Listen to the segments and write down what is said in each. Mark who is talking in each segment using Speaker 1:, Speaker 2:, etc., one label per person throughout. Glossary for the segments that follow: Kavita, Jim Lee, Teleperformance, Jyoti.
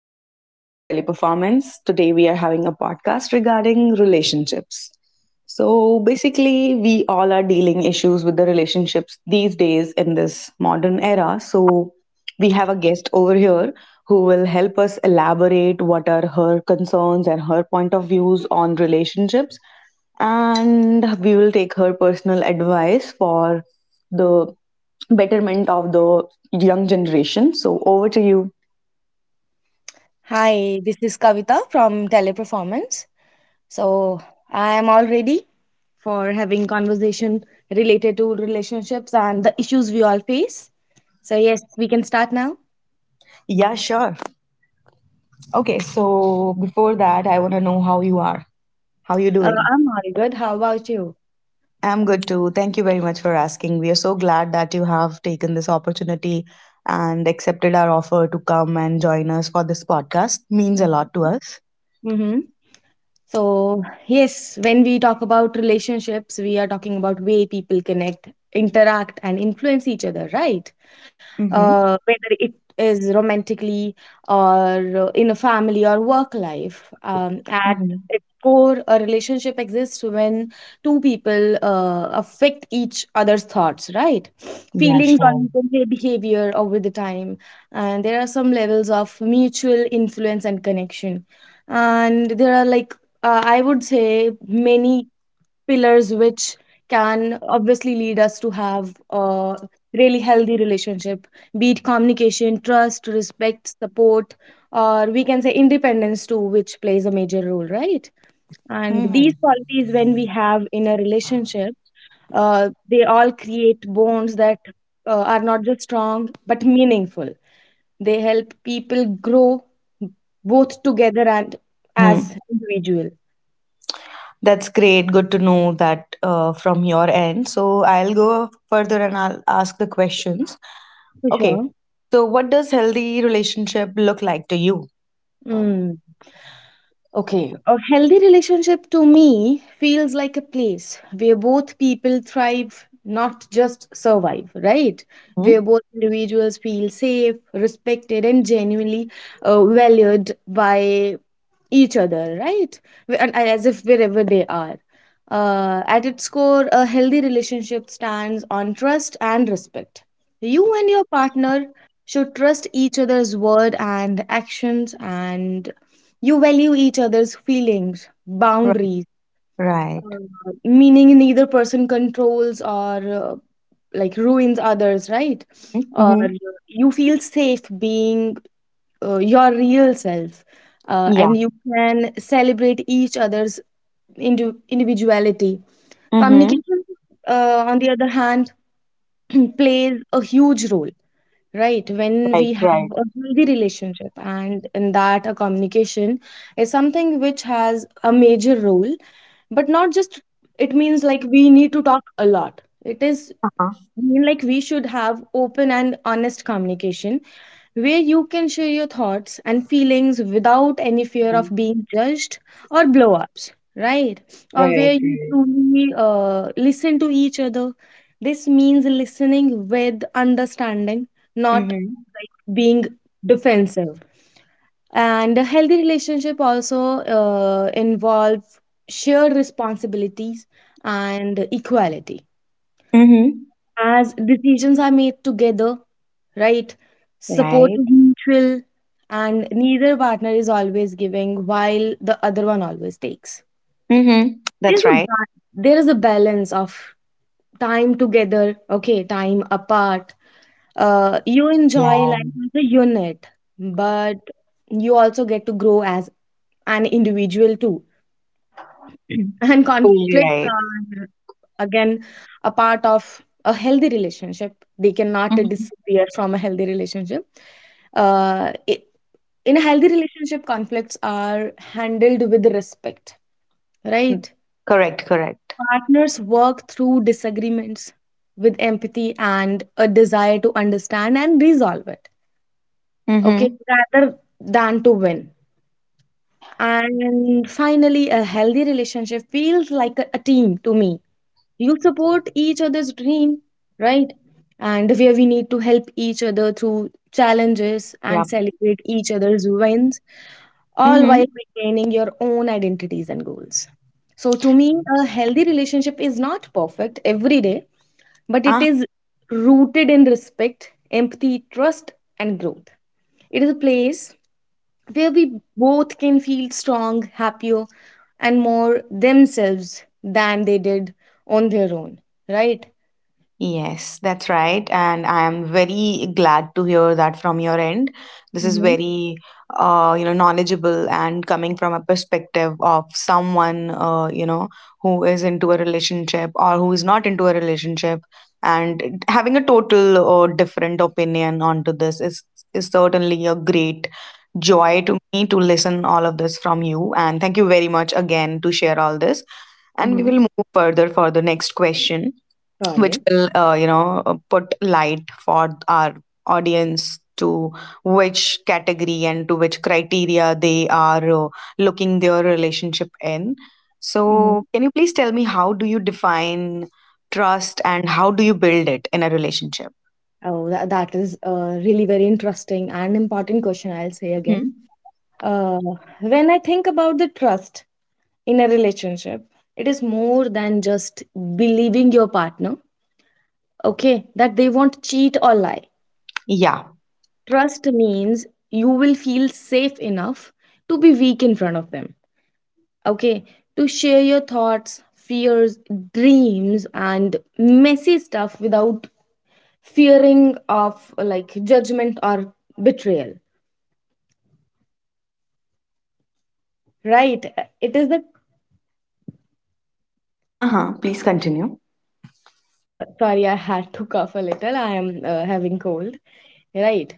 Speaker 1: This is Jyoti from Teleperformance. Today we are having a podcast regarding relationships. So basically, we all are dealing issues with the relationships these days in this modern era. So we have a guest over here who will help us elaborate what are her concerns and her point of views on relationships, and we will take her personal advice for the betterment of the young generation. So over to you.
Speaker 2: Hi, this is Kavita from Teleperformance. So I am all ready for having conversation related to relationships and the issues we all face. So yes, we can start now.
Speaker 1: Yeah, sure. Okay, so before that, I want to know how you are. How you
Speaker 2: Uh,
Speaker 1: doing?
Speaker 2: I'm all good. How about you?
Speaker 1: I'm good too. Thank you very much for asking. We are so glad that you have taken this opportunity and accepted our offer to come and join us for this podcast. Means a lot to us.
Speaker 2: Mm-hmm. So, yes, when we talk about relationships, we are talking about way people connect, interact, and influence each other, right?
Speaker 1: Mm-hmm.
Speaker 2: Whether it is romantically or in a family or work life. At
Speaker 1: Mm-hmm.
Speaker 2: its core, a relationship exists when two people affect each other's thoughts, right?
Speaker 1: Yeah,
Speaker 2: Feelings or
Speaker 1: sure.
Speaker 2: you can say behavior over the time. And there are some levels of mutual influence and connection, and there are like I would say many pillars which can obviously lead us to have a really healthy relationship, be it communication, trust, respect, support, or we can say independence too, which plays a major role, right? And these qualities when we have in a relationship, they all create bonds that are not just strong but meaningful. They help people grow, both together and as
Speaker 1: Hmm.
Speaker 2: individual.
Speaker 1: That's great. Good to know that from your end. So I'll go further and I'll ask the questions.
Speaker 2: For
Speaker 1: Okay.
Speaker 2: sure.
Speaker 1: So what does healthy relationship look like to you?
Speaker 2: Mm. Okay. A healthy relationship to me feels like a place where both people thrive, not just survive, right?
Speaker 1: Hmm?
Speaker 2: Where both individuals feel safe, respected, and genuinely valued by each other, right? And as if wherever they are. At its core, a healthy relationship stands on trust and respect. You and your partner should trust each other's word and actions, and you value each other's feelings,
Speaker 1: Right.
Speaker 2: boundaries,
Speaker 1: Right.
Speaker 2: meaning neither person controls or like ruins others, right? Or
Speaker 1: Mm-hmm.
Speaker 2: you feel safe being your real self,
Speaker 1: Yeah.
Speaker 2: and you can celebrate each other's individuality.
Speaker 1: Mm-hmm.
Speaker 2: Communication on the other hand plays a huge role, right? When
Speaker 1: Right.
Speaker 2: we have
Speaker 1: Right.
Speaker 2: a healthy relationship, and in that a communication is something which has a major role, but not just, it means like we need to talk a lot, it is,
Speaker 1: Uh-huh.
Speaker 2: I mean, like we should have open and honest communication where you can share your thoughts and feelings without any fear of
Speaker 1: Mm.
Speaker 2: being judged or blow ups, right? Or
Speaker 1: Right.
Speaker 2: where you
Speaker 1: Right.
Speaker 2: truly listen to each other. This means listening with understanding, not
Speaker 1: Mm-hmm.
Speaker 2: like, being defensive. And a healthy relationship also involve shared responsibilities and equality,
Speaker 1: Mm-hmm.
Speaker 2: as decisions are made together, right? Support
Speaker 1: Right.
Speaker 2: is mutual, and neither partner is always giving while the other one always takes.
Speaker 1: Mm-hmm.
Speaker 2: There's
Speaker 1: That's
Speaker 2: a
Speaker 1: right.
Speaker 2: ba- there is a balance of time together, okay, time apart. You enjoy
Speaker 1: Yeah.
Speaker 2: life as a unit, but you also get to grow as an individual too. And
Speaker 1: Totally
Speaker 2: conflicts
Speaker 1: right.
Speaker 2: are again a part of a healthy relationship. They cannot
Speaker 1: Mm-hmm.
Speaker 2: disappear from a healthy relationship. uh, it, in a healthy relationship, conflicts are handled with respect, right?
Speaker 1: Correct. Correct.
Speaker 2: Partners work through disagreements with empathy and a desire to understand and resolve it, okay,
Speaker 1: Mm-hmm.
Speaker 2: rather than to win. And finally, a healthy relationship feels like a team to me. You support each other's dream, right? And where we need to help each other through challenges and
Speaker 1: Yep.
Speaker 2: celebrate each other's wins, all while
Speaker 1: Mm-hmm.
Speaker 2: maintaining your own identities and goals. So, to me, a healthy relationship is not perfect every day, but it is rooted in respect, empathy, trust, and growth. It is a place where we both can feel strong, happier, and more themselves than they did on their own, right?
Speaker 1: Yes, that's right. And I am very glad to hear that from your end. This is
Speaker 2: Mm-hmm.
Speaker 1: very, you know, knowledgeable and coming from a perspective of someone, you know, who is into a relationship or who is not into a relationship and having a total or different opinion onto this is certainly a great joy to me to listen all of this from you. And thank you very much again to share all this. And we
Speaker 2: Mm-hmm.
Speaker 1: will move further for the next question
Speaker 2: Got
Speaker 1: which
Speaker 2: it.
Speaker 1: will you know put light for our audience to which category and to which criteria they are looking their relationship in.
Speaker 2: Mm-hmm.
Speaker 1: So can you please tell me, how do you define trust and how do you build it in a relationship?
Speaker 2: Oh, that is a really very interesting and important question, I'll say again.
Speaker 1: Hmm.
Speaker 2: Uh, when I think about the trust in a relationship, it is more than just believing your partner, okay, that they won't cheat or lie.
Speaker 1: Yeah.
Speaker 2: Trust means you will feel safe enough to be weak in front of them, okay, to share your thoughts, fears, dreams, and messy stuff without fearing of like judgment or betrayal, right? It is the,
Speaker 1: Uh-huh, please continue.
Speaker 2: sorry, I had to cough a little, I am having cold, right?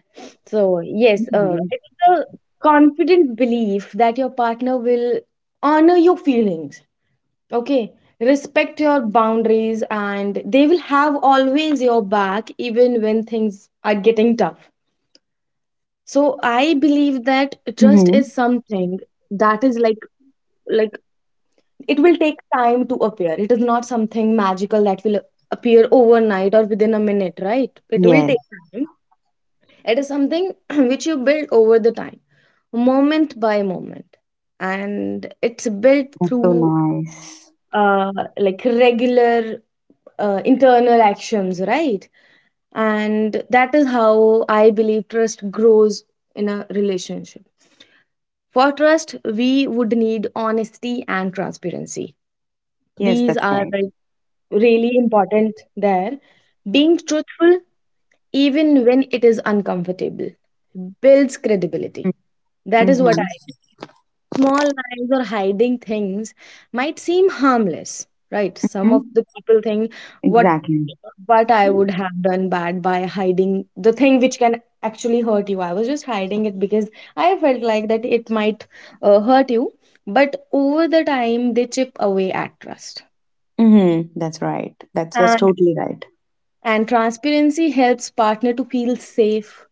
Speaker 2: So yes, it's the confident belief that your partner will honor your feelings. Okay, respect your boundaries, and they will have always your back even when things are getting tough. So I believe that trust is
Speaker 1: Mm-hmm.
Speaker 2: something that is like it will take time to appear. It is not something magical that will appear overnight or within a minute, right? It will take
Speaker 1: Yes,
Speaker 2: time. It is something which you build over the time, moment by moment. And it's built
Speaker 1: that's so
Speaker 2: through
Speaker 1: nice.
Speaker 2: uh like regular internal actions, right? And that is how I believe trust grows in a relationship. For trust, we would need honesty and transparency.
Speaker 1: Yes,
Speaker 2: These
Speaker 1: that's
Speaker 2: are
Speaker 1: right.
Speaker 2: like, really important there. Being truthful, even when it is uncomfortable, builds credibility. That is
Speaker 1: Mm-hmm.
Speaker 2: what I, small lies or hiding things might seem harmless, right? Some of the people think what
Speaker 1: Exactly.
Speaker 2: what I would have done bad by hiding the thing which can actually hurt you. I was just hiding it because I felt like that it might hurt you. But over the time, they chip away at trust.
Speaker 1: Mm-hmm. That's right. That's
Speaker 2: And,
Speaker 1: totally right.
Speaker 2: and transparency helps partner to feel safe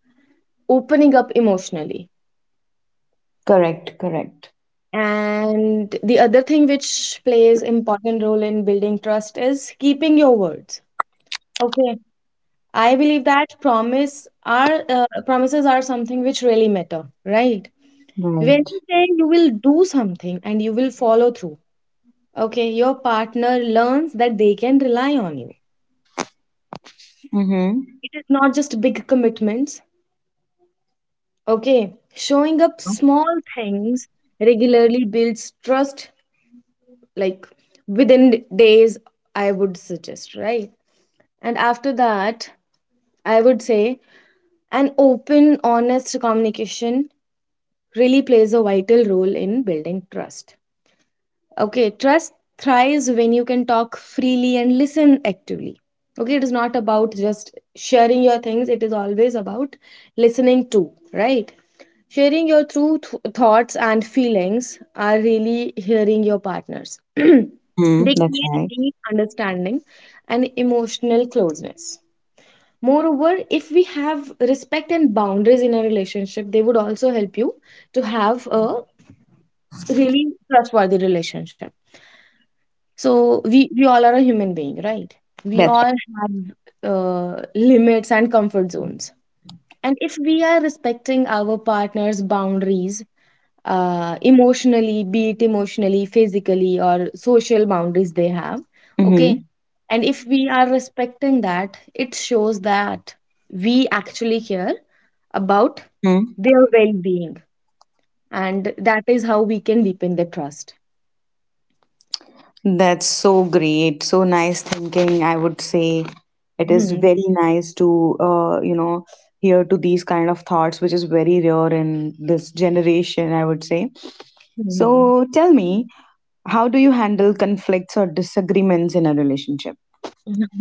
Speaker 2: opening up emotionally.
Speaker 1: Correct. Correct.
Speaker 2: And the other thing which plays important role in building trust is keeping your words, okay? I believe that promises are something which really matter, right? When
Speaker 1: Right.
Speaker 2: you say you will do something and you will follow through, okay, your partner learns that they can rely on you.
Speaker 1: Mm-hmm.
Speaker 2: It is not just big commitments, okay, showing up
Speaker 1: Uh-huh.
Speaker 2: small things regularly builds trust, like within days, I would suggest, right? And after that, I would say an open honest communication really plays a vital role in building trust. Okay, trust thrives when you can talk freely and listen actively. Okay, it is not about just sharing your things, it is always about listening too, right? Sharing your true thoughts and feelings are really hearing your partners. They
Speaker 1: Mm-hmm. That's
Speaker 2: create
Speaker 1: right.
Speaker 2: deep understanding and emotional closeness. Moreover, if we have respect and boundaries in a relationship, they would also help you to have a really trustworthy relationship. So we all are a human being, right? We
Speaker 1: That's
Speaker 2: all have limits and comfort zones. And if we are respecting our partner's boundaries, be it emotionally, physically, or social boundaries they have. Okay.
Speaker 1: mm-hmm.
Speaker 2: And if we are respecting that, it shows that we actually care about
Speaker 1: Mm-hmm. Mm.
Speaker 2: their well being. And that is how we can deepen the trust.
Speaker 1: That's so great. So nice thinking, I would say. It is
Speaker 2: Hmm.
Speaker 1: very nice to you know, hear to these kind of thoughts, which is very rare in this generation, I would say.
Speaker 2: Hmm. Hmm.
Speaker 1: So tell me, how do you handle conflicts or disagreements in a relationship?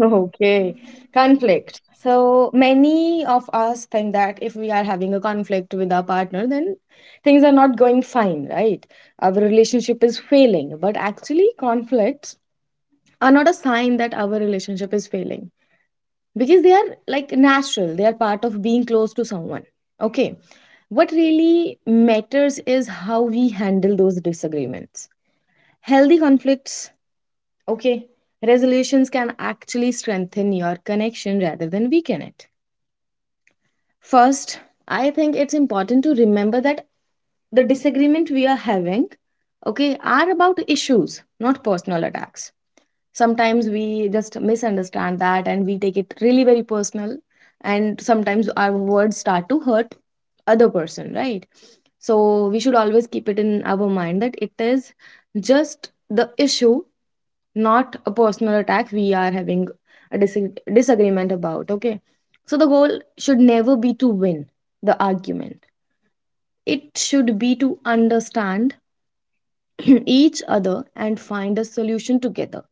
Speaker 2: Okay, conflict. So many of us think that if we are having a conflict with our partner, then things are not going fine, right? Our relationship is failing. But actually, conflicts are not a sign that our relationship is failing, because they are like natural, they are part of being close to someone. Okay, what really matters is how we handle those disagreements. Healthy conflicts, okay, resolutions can actually strengthen your connection rather than weaken it. First, I think it's important to remember that the disagreement we are having, okay, are about issues, not personal attacks. Sometimes we just misunderstand that and we take it really very personal, and sometimes our words start to hurt other person, right? So we should always keep it in our mind that it is just the issue, not a personal attack we are having a disagreement about, okay? So the goal should never be to win the argument, it should be to understand each other and find a solution together,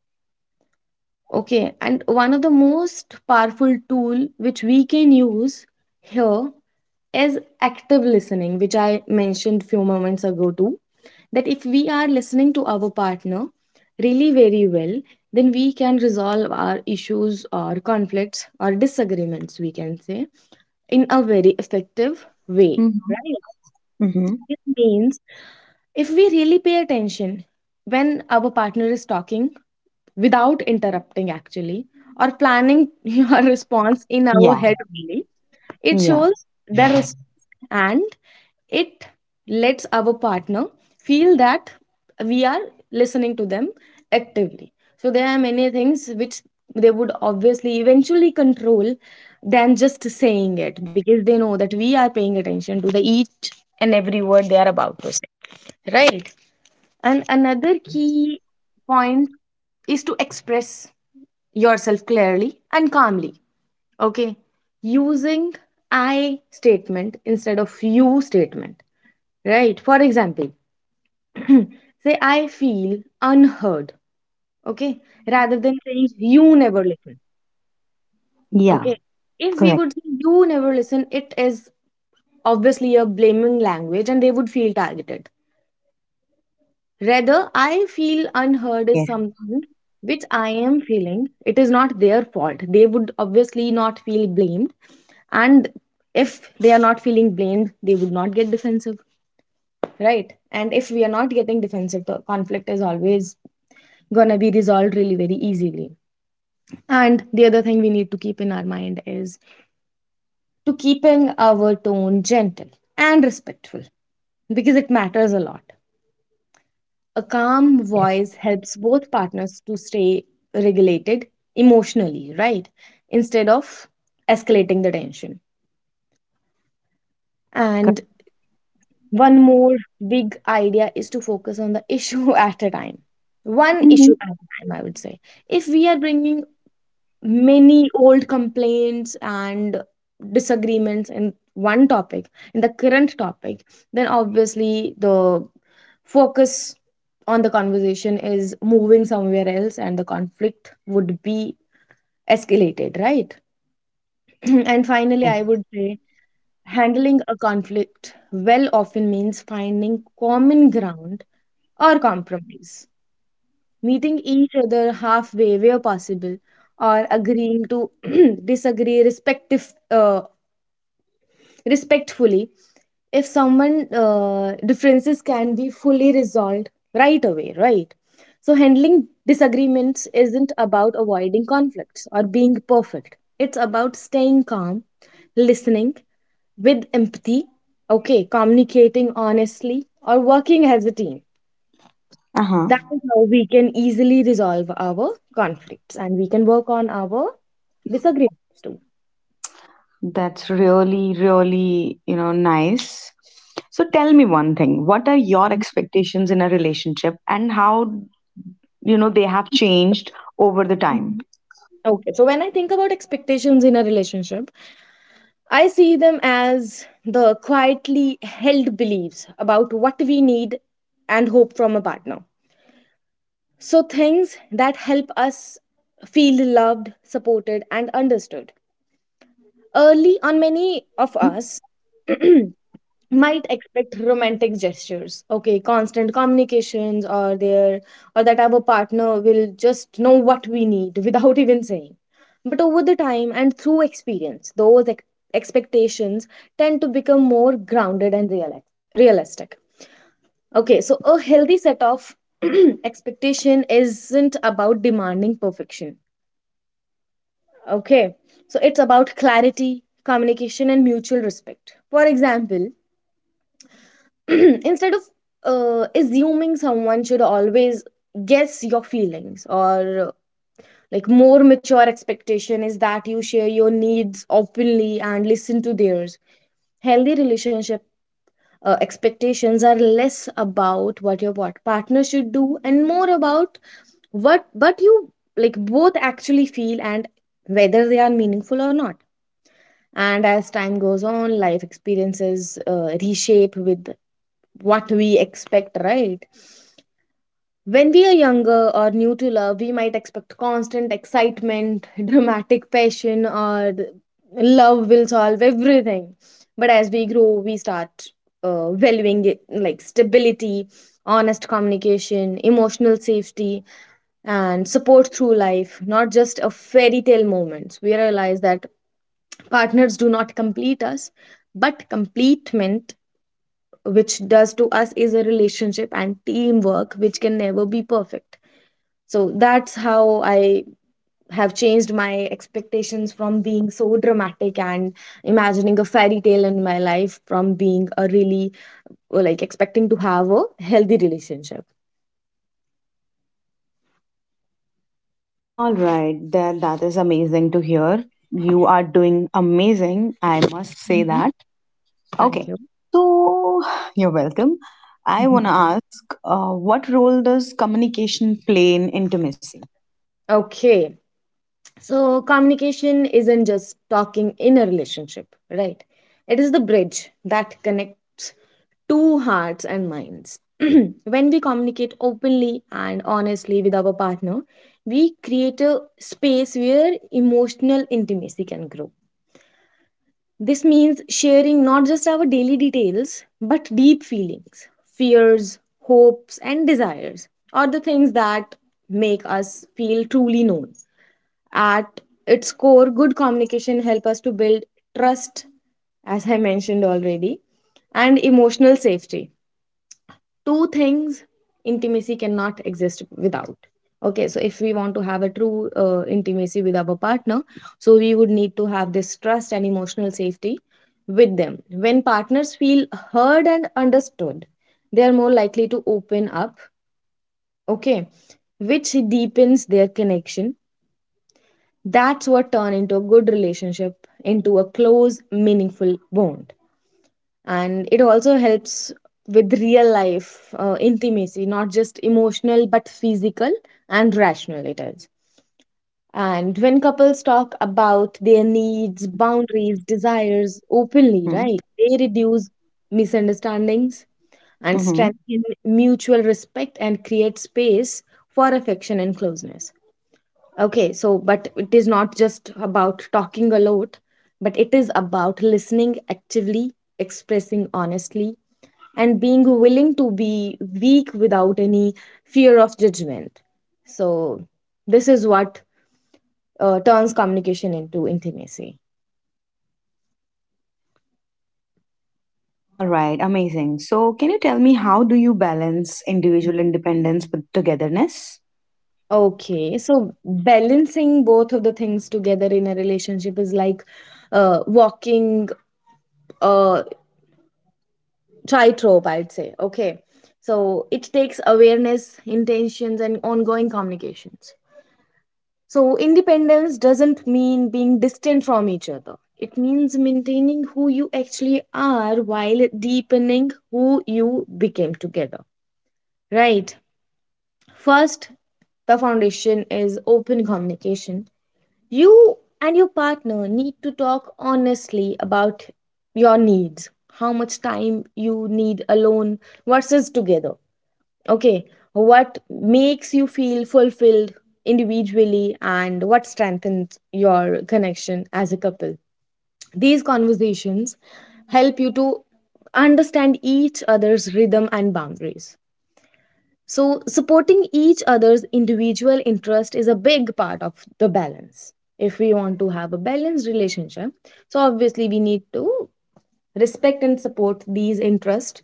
Speaker 2: okay? And one of the most powerful tool which we can use here is active listening, which I mentioned few moments ago too, that if we are listening to our partner really very well, then we can resolve our issues or conflicts or disagreements, we can say, in a very effective way,
Speaker 1: Mm-hmm.
Speaker 2: right?
Speaker 1: Mm-hmm.
Speaker 2: It means if we really pay attention when our partner is talking without interrupting, actually, or planning your response in our
Speaker 1: Yeah.
Speaker 2: head only, it
Speaker 1: Yeah.
Speaker 2: shows the respect, and it lets our partner feel that we are listening to them actively. So there are many things which they would obviously eventually control than just saying it, because they know that we are paying attention to the each and every word they are about to say. Right. And another
Speaker 1: Right.
Speaker 2: key point is to express yourself clearly and calmly. Okay. Using I statement instead of you statement. Right. For example, say I feel unheard, okay, rather than saying you never listen,
Speaker 1: Yeah,
Speaker 2: okay. If we
Speaker 1: correct.
Speaker 2: would say you never listen, it is obviously a blaming language and they would feel targeted. Rather, I feel unheard is
Speaker 1: Yes,
Speaker 2: something which I am feeling. It is not their fault. They would obviously not feel blamed. And if they are not feeling blamed, they would not get defensive, right? And if we are not getting defensive, the conflict is always gonna be resolved really very easily. And the other thing we need to keep in our mind is to keeping our tone gentle and respectful, because it matters a lot. A calm
Speaker 1: yes,
Speaker 2: voice helps both partners to stay regulated emotionally, right? Instead of escalating the tension. And
Speaker 1: correct.
Speaker 2: one more big idea is to focus on the issue at a time. One
Speaker 1: Hmm.
Speaker 2: issue at a time, I would say. If we are bringing many old complaints and disagreements in one topic in the current topic, then obviously the focus on the conversation is moving somewhere else and the conflict would be escalated, right? And finally, I
Speaker 1: Yes.
Speaker 2: would say handling a conflict well often means finding common ground or compromise, meeting each other halfway where possible, or agreeing to disagree respective respectfully. If someone differences can be fully resolved right away, right? So handling disagreements isn't about avoiding conflicts or being perfect, it's about staying calm, listening with empathy, okay, communicating honestly or working as a team.
Speaker 1: Uh-huh.
Speaker 2: That is how we can easily resolve our conflicts and we can work on our disagreements too.
Speaker 1: That's really, really, you know, nice. So tell me one thing. What are your expectations in a relationship, and how, you know, they have changed over the time?
Speaker 2: Mhm. Okay, so when I think about expectations in a relationship, I see them as the quietly held beliefs about what we need and hope from a partner. So, things that help us feel loved, supported, and understood. Early on, many of
Speaker 1: Mhm.
Speaker 2: us might expect romantic gestures, okay, constant communications, or their, or that our partner will just know what we need without even saying. But over the time and through experience, those expectations tend to become more grounded and realistic. Okay, so a healthy set of expectation isn't about demanding perfection. Okay, so it's about clarity, communication and mutual respect. For example, instead of assuming someone should always guess your feelings or like, more mature expectation is that you share your needs openly and listen to theirs. Healthy relationship expectations are less about what your partner should do and more about what but you, like, both actually feel and whether they are meaningful or not. And as time goes on, life experiences reshape with what we expect, right? When we are younger or new to love, we might expect constant excitement, dramatic passion, or love will solve everything. But as we grow, we start valuing it, like stability, honest communication, emotional safety, and support through life, not just a fairy tale moments. We realize that partners do not complete us, but completement which does to us is a relationship and teamwork which can never be perfect. So that's how I have changed my expectations from being so dramatic and imagining a fairy tale in my life, from being a really, well, like expecting to have a healthy relationship.
Speaker 1: All right. That is amazing to hear. You are doing amazing. I must say
Speaker 2: Mhm.
Speaker 1: that.
Speaker 2: Thank
Speaker 1: Okay.
Speaker 2: you.
Speaker 1: So you're welcome. I want to ask, what role does communication play in intimacy?
Speaker 2: Okay, so communication isn't just talking in a relationship, right? It is the bridge that connects two hearts and minds. When we communicate openly and honestly with our partner, we create a space where emotional intimacy can grow. This means sharing not just our daily details, but deep feelings, fears, hopes, and desires, or the things that make us feel truly known. At its core, good communication helps us to build trust, as I mentioned already, and emotional safety, two things intimacy cannot exist without. Okay, so if we want to have a true intimacy with our partner, so we would need to have this trust and emotional safety with them. When partners feel heard and understood, they are more likely to open up, okay, which deepens their connection. That's what turn into a good relationship, into a close, meaningful bond. And it also helps with real life intimacy, not just emotional but physical and rational it is. And when couples talk about their needs, boundaries, desires openly,
Speaker 1: Hmm.
Speaker 2: right, they reduce misunderstandings and
Speaker 1: Mm-hmm.
Speaker 2: strengthen mutual respect and create space for affection and closeness. Okay, so but it is not just about talking a lot, but it is about listening actively, expressing honestly, and being willing to be weak without any fear of judgment. So, this is what turns communication into intimacy.
Speaker 1: All right, amazing. So, can you tell me, how do you balance individual independence with togetherness?
Speaker 2: Okay, so balancing both of the things together in a relationship is like walking a tightrope, I'd say. Okay, so it takes awareness, intentions, and ongoing communications. So, independence doesn't mean being distant from each other. It means maintaining who you actually are while deepening who you became together. Right? First, the foundation is open communication. You and your partner need to talk honestly about your needs, how much time you need alone versus together. Okay, what makes you feel fulfilled individually and what strengthens your connection as a couple? These conversations help you to understand each other's rhythm and boundaries. So, supporting each other's individual interest is a big part of the balance. If we want to have a balanced relationship, so obviously we need to respect and support these interests,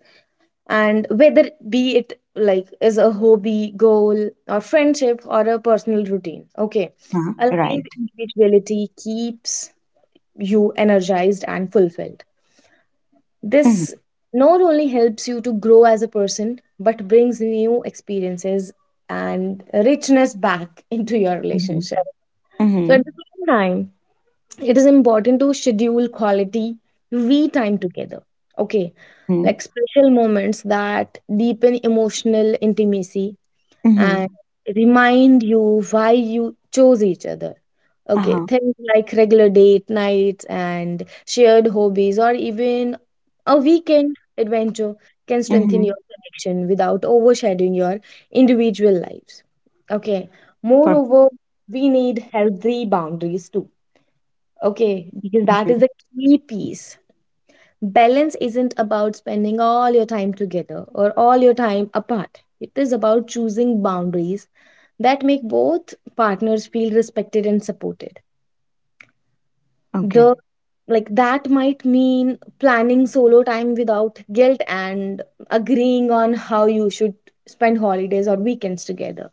Speaker 2: and whether be it like is a hobby, goal or friendship or a personal routine, okay.
Speaker 1: Uh Huh?
Speaker 2: Aligned
Speaker 1: Right.
Speaker 2: individuality keeps you energized and fulfilled.
Speaker 1: Mm-hmm.
Speaker 2: This not only helps you to grow as a person but brings new experiences and richness back into your
Speaker 1: Mm-hmm.
Speaker 2: relationship. So
Speaker 1: Mm-hmm.
Speaker 2: at the same time, it is important to schedule quality we time together, okay,
Speaker 1: Mm-hmm.
Speaker 2: like special moments that deepen emotional intimacy
Speaker 1: Mm-hmm.
Speaker 2: and remind you why you chose each other. Okay,
Speaker 1: Uh-huh.
Speaker 2: things like regular date nights and shared hobbies or even a weekend adventure can strengthen
Speaker 1: Mm-hmm.
Speaker 2: your connection without overshadowing your individual lives. Okay,
Speaker 1: Perfect.
Speaker 2: moreover, we need healthy boundaries too. Okay, because that
Speaker 1: Mm-hmm.
Speaker 2: is the key piece. Balance isn't about spending all your time together or all your time apart. It is about choosing boundaries that make both partners feel respected and supported.
Speaker 1: Okay.
Speaker 2: The, like, that might mean planning solo time without guilt and agreeing on how you should spend holidays or weekends together.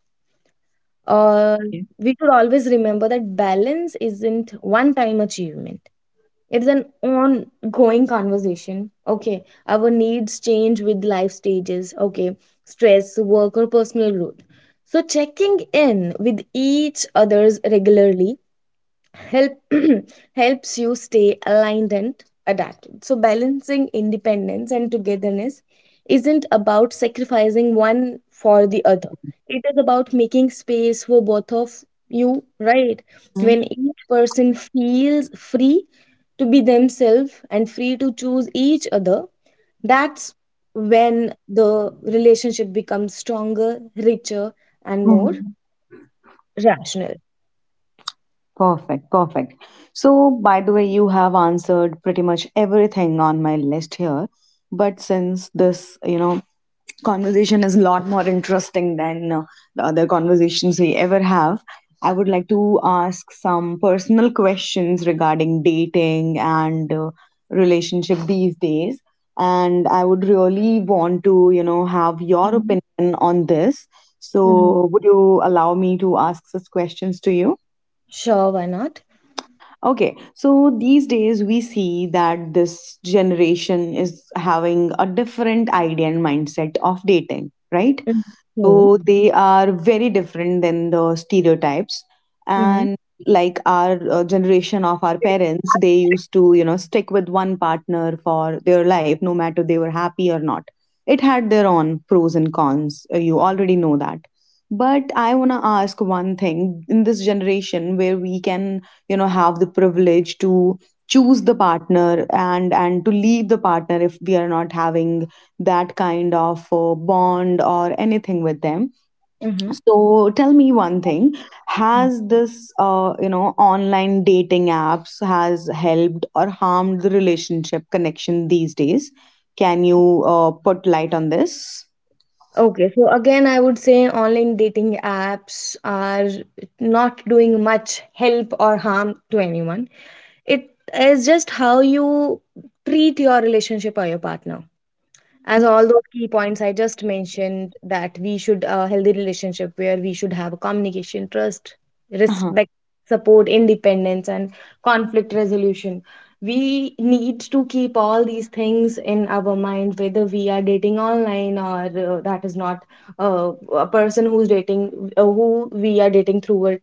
Speaker 2: Or
Speaker 1: Yeah.
Speaker 2: we should always remember that balance isn't one time achievement. It's an ongoing conversation. Okay, our needs change with life stages. Okay, stress, work, or personal growth. So, checking in with each others regularly help helps you stay aligned and adapted. So balancing independence and togetherness isn't about sacrificing one for the other, it is about making space for both of you, right? When each person feels free to be themselves and free to choose each other, that's when the relationship becomes stronger, richer and more
Speaker 1: Mm-hmm.
Speaker 2: rational.
Speaker 1: Perfect, perfect. So, by the way, you have answered pretty much everything on my list here. But since this, you know, conversation is a lot more interesting than the other conversations we ever have, I would like to ask some personal questions regarding dating and relationship these days. And I would really want to, you know, have your
Speaker 2: Mhm.
Speaker 1: opinion on this.
Speaker 2: Mhm.
Speaker 1: So, would you allow me to ask such questions to you?
Speaker 2: Sure, why not?
Speaker 1: Okay, so these days we see that this generation is having a different idea and mindset of dating, right?
Speaker 2: Mhm.
Speaker 1: So they are very different than the stereotypes.
Speaker 2: Mhm.
Speaker 1: And like our generation of our parents, they used to, you know, stick with one partner for their life, no matter they were happy or not. It had their own pros and cons. You already know that. But I want to ask one thing in this generation where we can, you know, have the privilege to choose the partner and to leave the partner if we are not having that kind of bond or anything with them.
Speaker 2: Mhm.
Speaker 1: So tell me one thing:
Speaker 2: Mm.
Speaker 1: has this, you know, online dating apps has helped or harmed the relationship connection these days? Can you put light on this?
Speaker 2: Okay, so again, I would say online dating apps are not doing much help or harm to anyone. It is just how you treat your relationship or your partner.
Speaker 1: Mm-hmm.
Speaker 2: As all those key points I just mentioned that we should a healthy relationship where we should have communication, trust,
Speaker 1: Uh-huh.
Speaker 2: respect, support, independence and conflict resolution. We need to keep all these things in our mind whether we are dating online or that is not uh, a person who's dating, who we are dating through a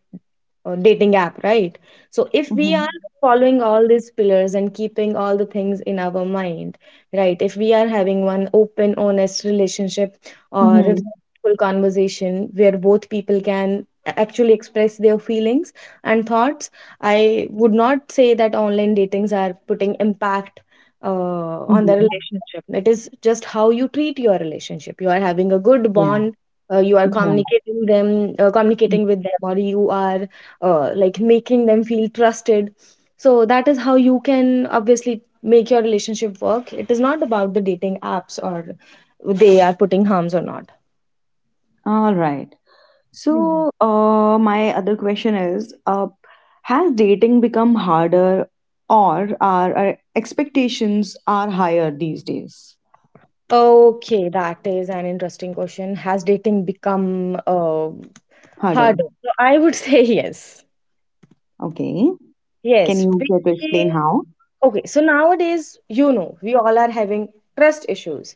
Speaker 2: dating app, right? So if we are
Speaker 1: Mm-hmm.
Speaker 2: following all these pillars and keeping all the things in our mind, right, if we are having one open, honest relationship or a
Speaker 1: Mm-hmm.
Speaker 2: respectful conversation where both people can actually express their feelings and thoughts, I would not say that online datings are putting impact on the
Speaker 1: Mm-hmm.
Speaker 2: relationship. It is just how you treat your relationship, you are having a good
Speaker 1: Yeah.
Speaker 2: bond, you are
Speaker 1: Yeah.
Speaker 2: communicating them,
Speaker 1: Mm.
Speaker 2: communicating with them, or you are like making them feel trusted. So that is how you can obviously make your relationship work. It is not about the dating apps or they are putting harms or not.
Speaker 1: All right.
Speaker 2: Hmm.
Speaker 1: So, my other question is, has dating become harder, or are our expectations are higher these days?
Speaker 2: Okay, that is an interesting question. Has dating become uh,
Speaker 1: Harder.
Speaker 2: harder? So I would say yes.
Speaker 1: Okay. Can
Speaker 2: Yes,
Speaker 1: you
Speaker 2: because,
Speaker 1: care to explain how?
Speaker 2: okay, so nowadays, you know, we all are having trust issues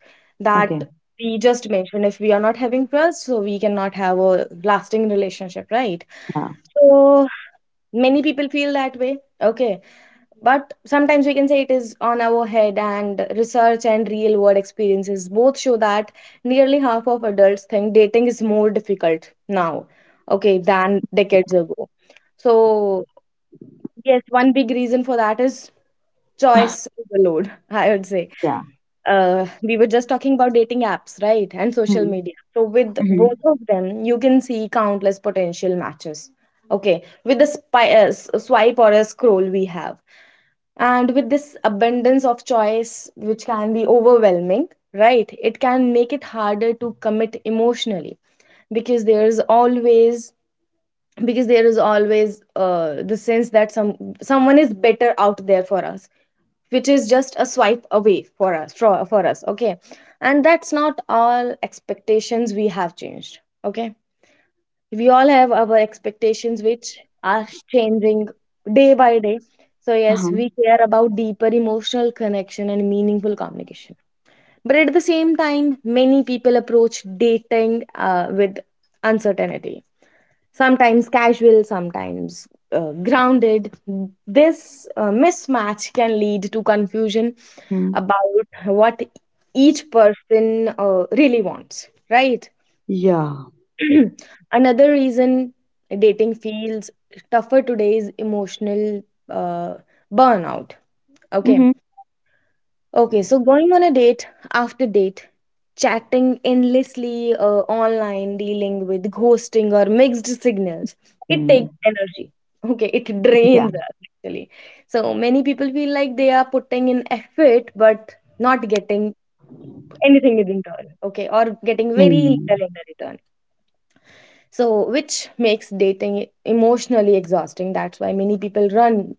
Speaker 1: Okay.
Speaker 2: that we just mentioned. If we are not having trust, so we cannot have a lasting relationship, right?
Speaker 1: Yeah.
Speaker 2: So many people feel that way, okay, but sometimes we can say it is on our head, and research and real world experiences both show that nearly half of adults think dating is more difficult now, okay, than decades ago. So yes, one big reason for that is choice overload, I would say.
Speaker 1: Yeah.
Speaker 2: We were just talking about dating apps, right? And social
Speaker 1: Hmm.
Speaker 2: media. So, with
Speaker 1: Mm-hmm.
Speaker 2: both of them, you can see countless potential matches. Okay, with the swipe or a scroll we have. And with this abundance of choice, which can be overwhelming, right? It can make it harder to commit emotionally, because there is always, the sense that someone is better out there for us, which is just a swipe away for us, for us, okay. And that's not all, expectations we have changed. Okay, we all have our expectations which are changing day by day. So yes,
Speaker 1: Uh-huh.
Speaker 2: we care about deeper emotional connection and meaningful communication, but at the same time many people approach dating with uncertainty, sometimes casual, sometimes grounded. This mismatch can lead to confusion
Speaker 1: Hmm.
Speaker 2: about what each person really wants, right?
Speaker 1: Yeah.
Speaker 2: Another reason dating feels tougher today is emotional uh, burnout. Okay.
Speaker 1: Mm-hmm.
Speaker 2: Okay, so going on a date after date, chatting endlessly online, dealing with ghosting or mixed signals, it
Speaker 1: Mm.
Speaker 2: takes energy. Okay, it
Speaker 1: Yeah.
Speaker 2: drains us actually. So many people feel like they are putting in effort but not getting anything in return, okay, or getting very
Speaker 1: Hmm.
Speaker 2: little in the return. So which makes dating emotionally exhausting, that's why many people run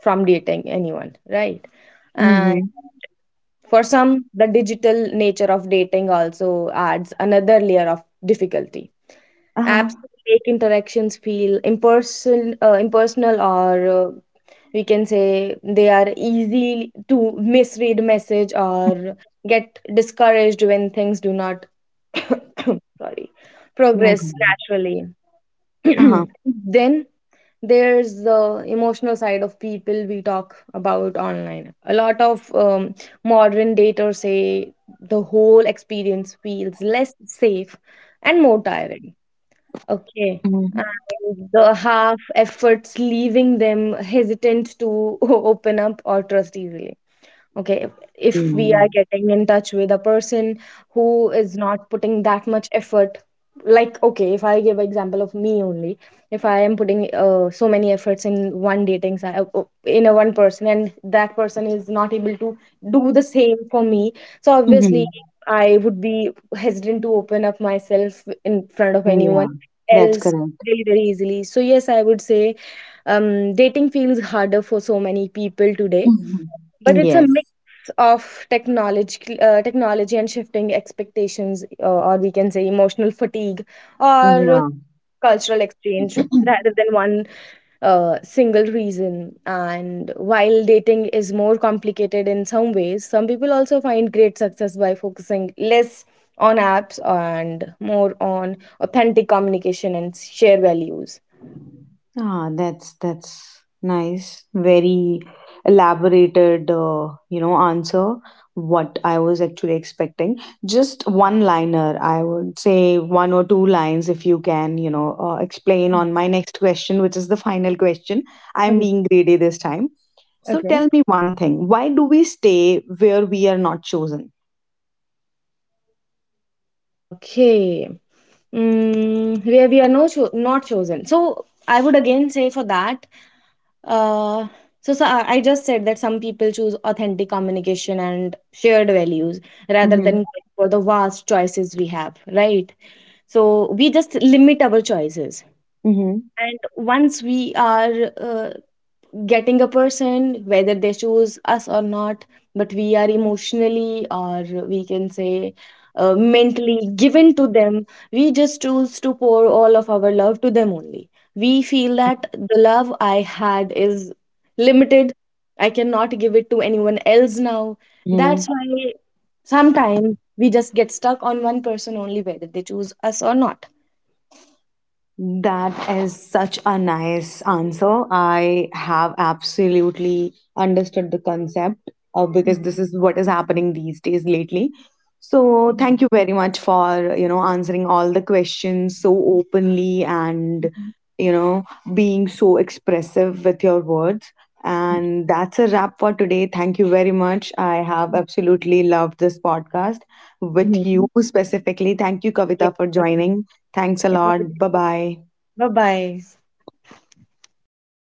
Speaker 2: from dating anyone, right?
Speaker 1: Mm-hmm.
Speaker 2: For some, the digital nature of dating also adds another layer of difficulty.
Speaker 1: Uh-huh.
Speaker 2: Apps make interactions feel impersonal, or we can say they are easy to misread message or get discouraged when things do not sorry
Speaker 1: No
Speaker 2: progress
Speaker 1: problem.
Speaker 2: naturally.
Speaker 1: Uh-huh.
Speaker 2: Then there's the emotional side of people we talk about online. A lot of modern daters say the whole experience feels less safe and more tiring. Okay.
Speaker 1: Mm-hmm.
Speaker 2: And the half efforts leaving them hesitant to open up or trust easily. Okay, if we are
Speaker 1: Mm.
Speaker 2: getting in touch with a person who is not putting that much effort, like okay, if I give example of me only, if I am putting so many efforts in one in a one person, and that person is not able to do the same for me, so obviously
Speaker 1: Mm-hmm.
Speaker 2: I would be hesitant to open up myself in front of anyone
Speaker 1: Yeah. That's
Speaker 2: else
Speaker 1: correct.
Speaker 2: very, very easily. So yes, I would say dating feels harder for so many people today, but
Speaker 1: Mm-hmm.
Speaker 2: it's a mix
Speaker 1: Yes.
Speaker 2: of technology and shifting expectations, or we can say emotional fatigue or
Speaker 1: Yeah.
Speaker 2: cultural exchange rather than one single reason. And while dating is more complicated in some ways, some people also find great success by focusing less on apps and more on authentic communication and share values.
Speaker 1: Ah, that's nice. Very elaborated, you know, answer. What I was actually expecting. Just one liner, I would say, one or two lines if you can, you know, explain on my next question, which is the final question. I'm
Speaker 2: Mhm.
Speaker 1: being greedy this time. So
Speaker 2: Okay.
Speaker 1: tell me one thing. Why do we stay where we are not chosen?
Speaker 2: Okay. Mm, where we are not chosen. So I would again say for that, uh, so I just said that some people choose authentic communication and shared values rather than
Speaker 1: Mm-hmm.
Speaker 2: going for the vast choices we have, right? So we just limit our choices.
Speaker 1: Mm-hmm.
Speaker 2: And once we are getting a person, whether they choose us or not, but we are emotionally, or we can say mentally given to them, we just choose to pour all of our love to them only. We feel that the love I had is limited, I cannot give it to anyone else now. That's why sometimes we just get stuck on one person only, whether they choose us or not.
Speaker 1: That is such a nice answer. I have absolutely understood the concept because
Speaker 2: Mhm.
Speaker 1: this is what is happening these days lately. So thank you very much for you know answering all the questions so openly and
Speaker 2: Mhm.
Speaker 1: you know being so expressive with your words.
Speaker 2: Mhm.
Speaker 1: And that's a wrap for today. Thank you very much. I have
Speaker 2: Yeah.
Speaker 1: absolutely loved this podcast with you
Speaker 2: Mhm.
Speaker 1: specifically. Thank you,
Speaker 2: Yes,
Speaker 1: Kavita, for
Speaker 2: perfect.
Speaker 1: joining. Thanks a
Speaker 2: It was a,
Speaker 1: lot. Bye bye.
Speaker 2: bye bye.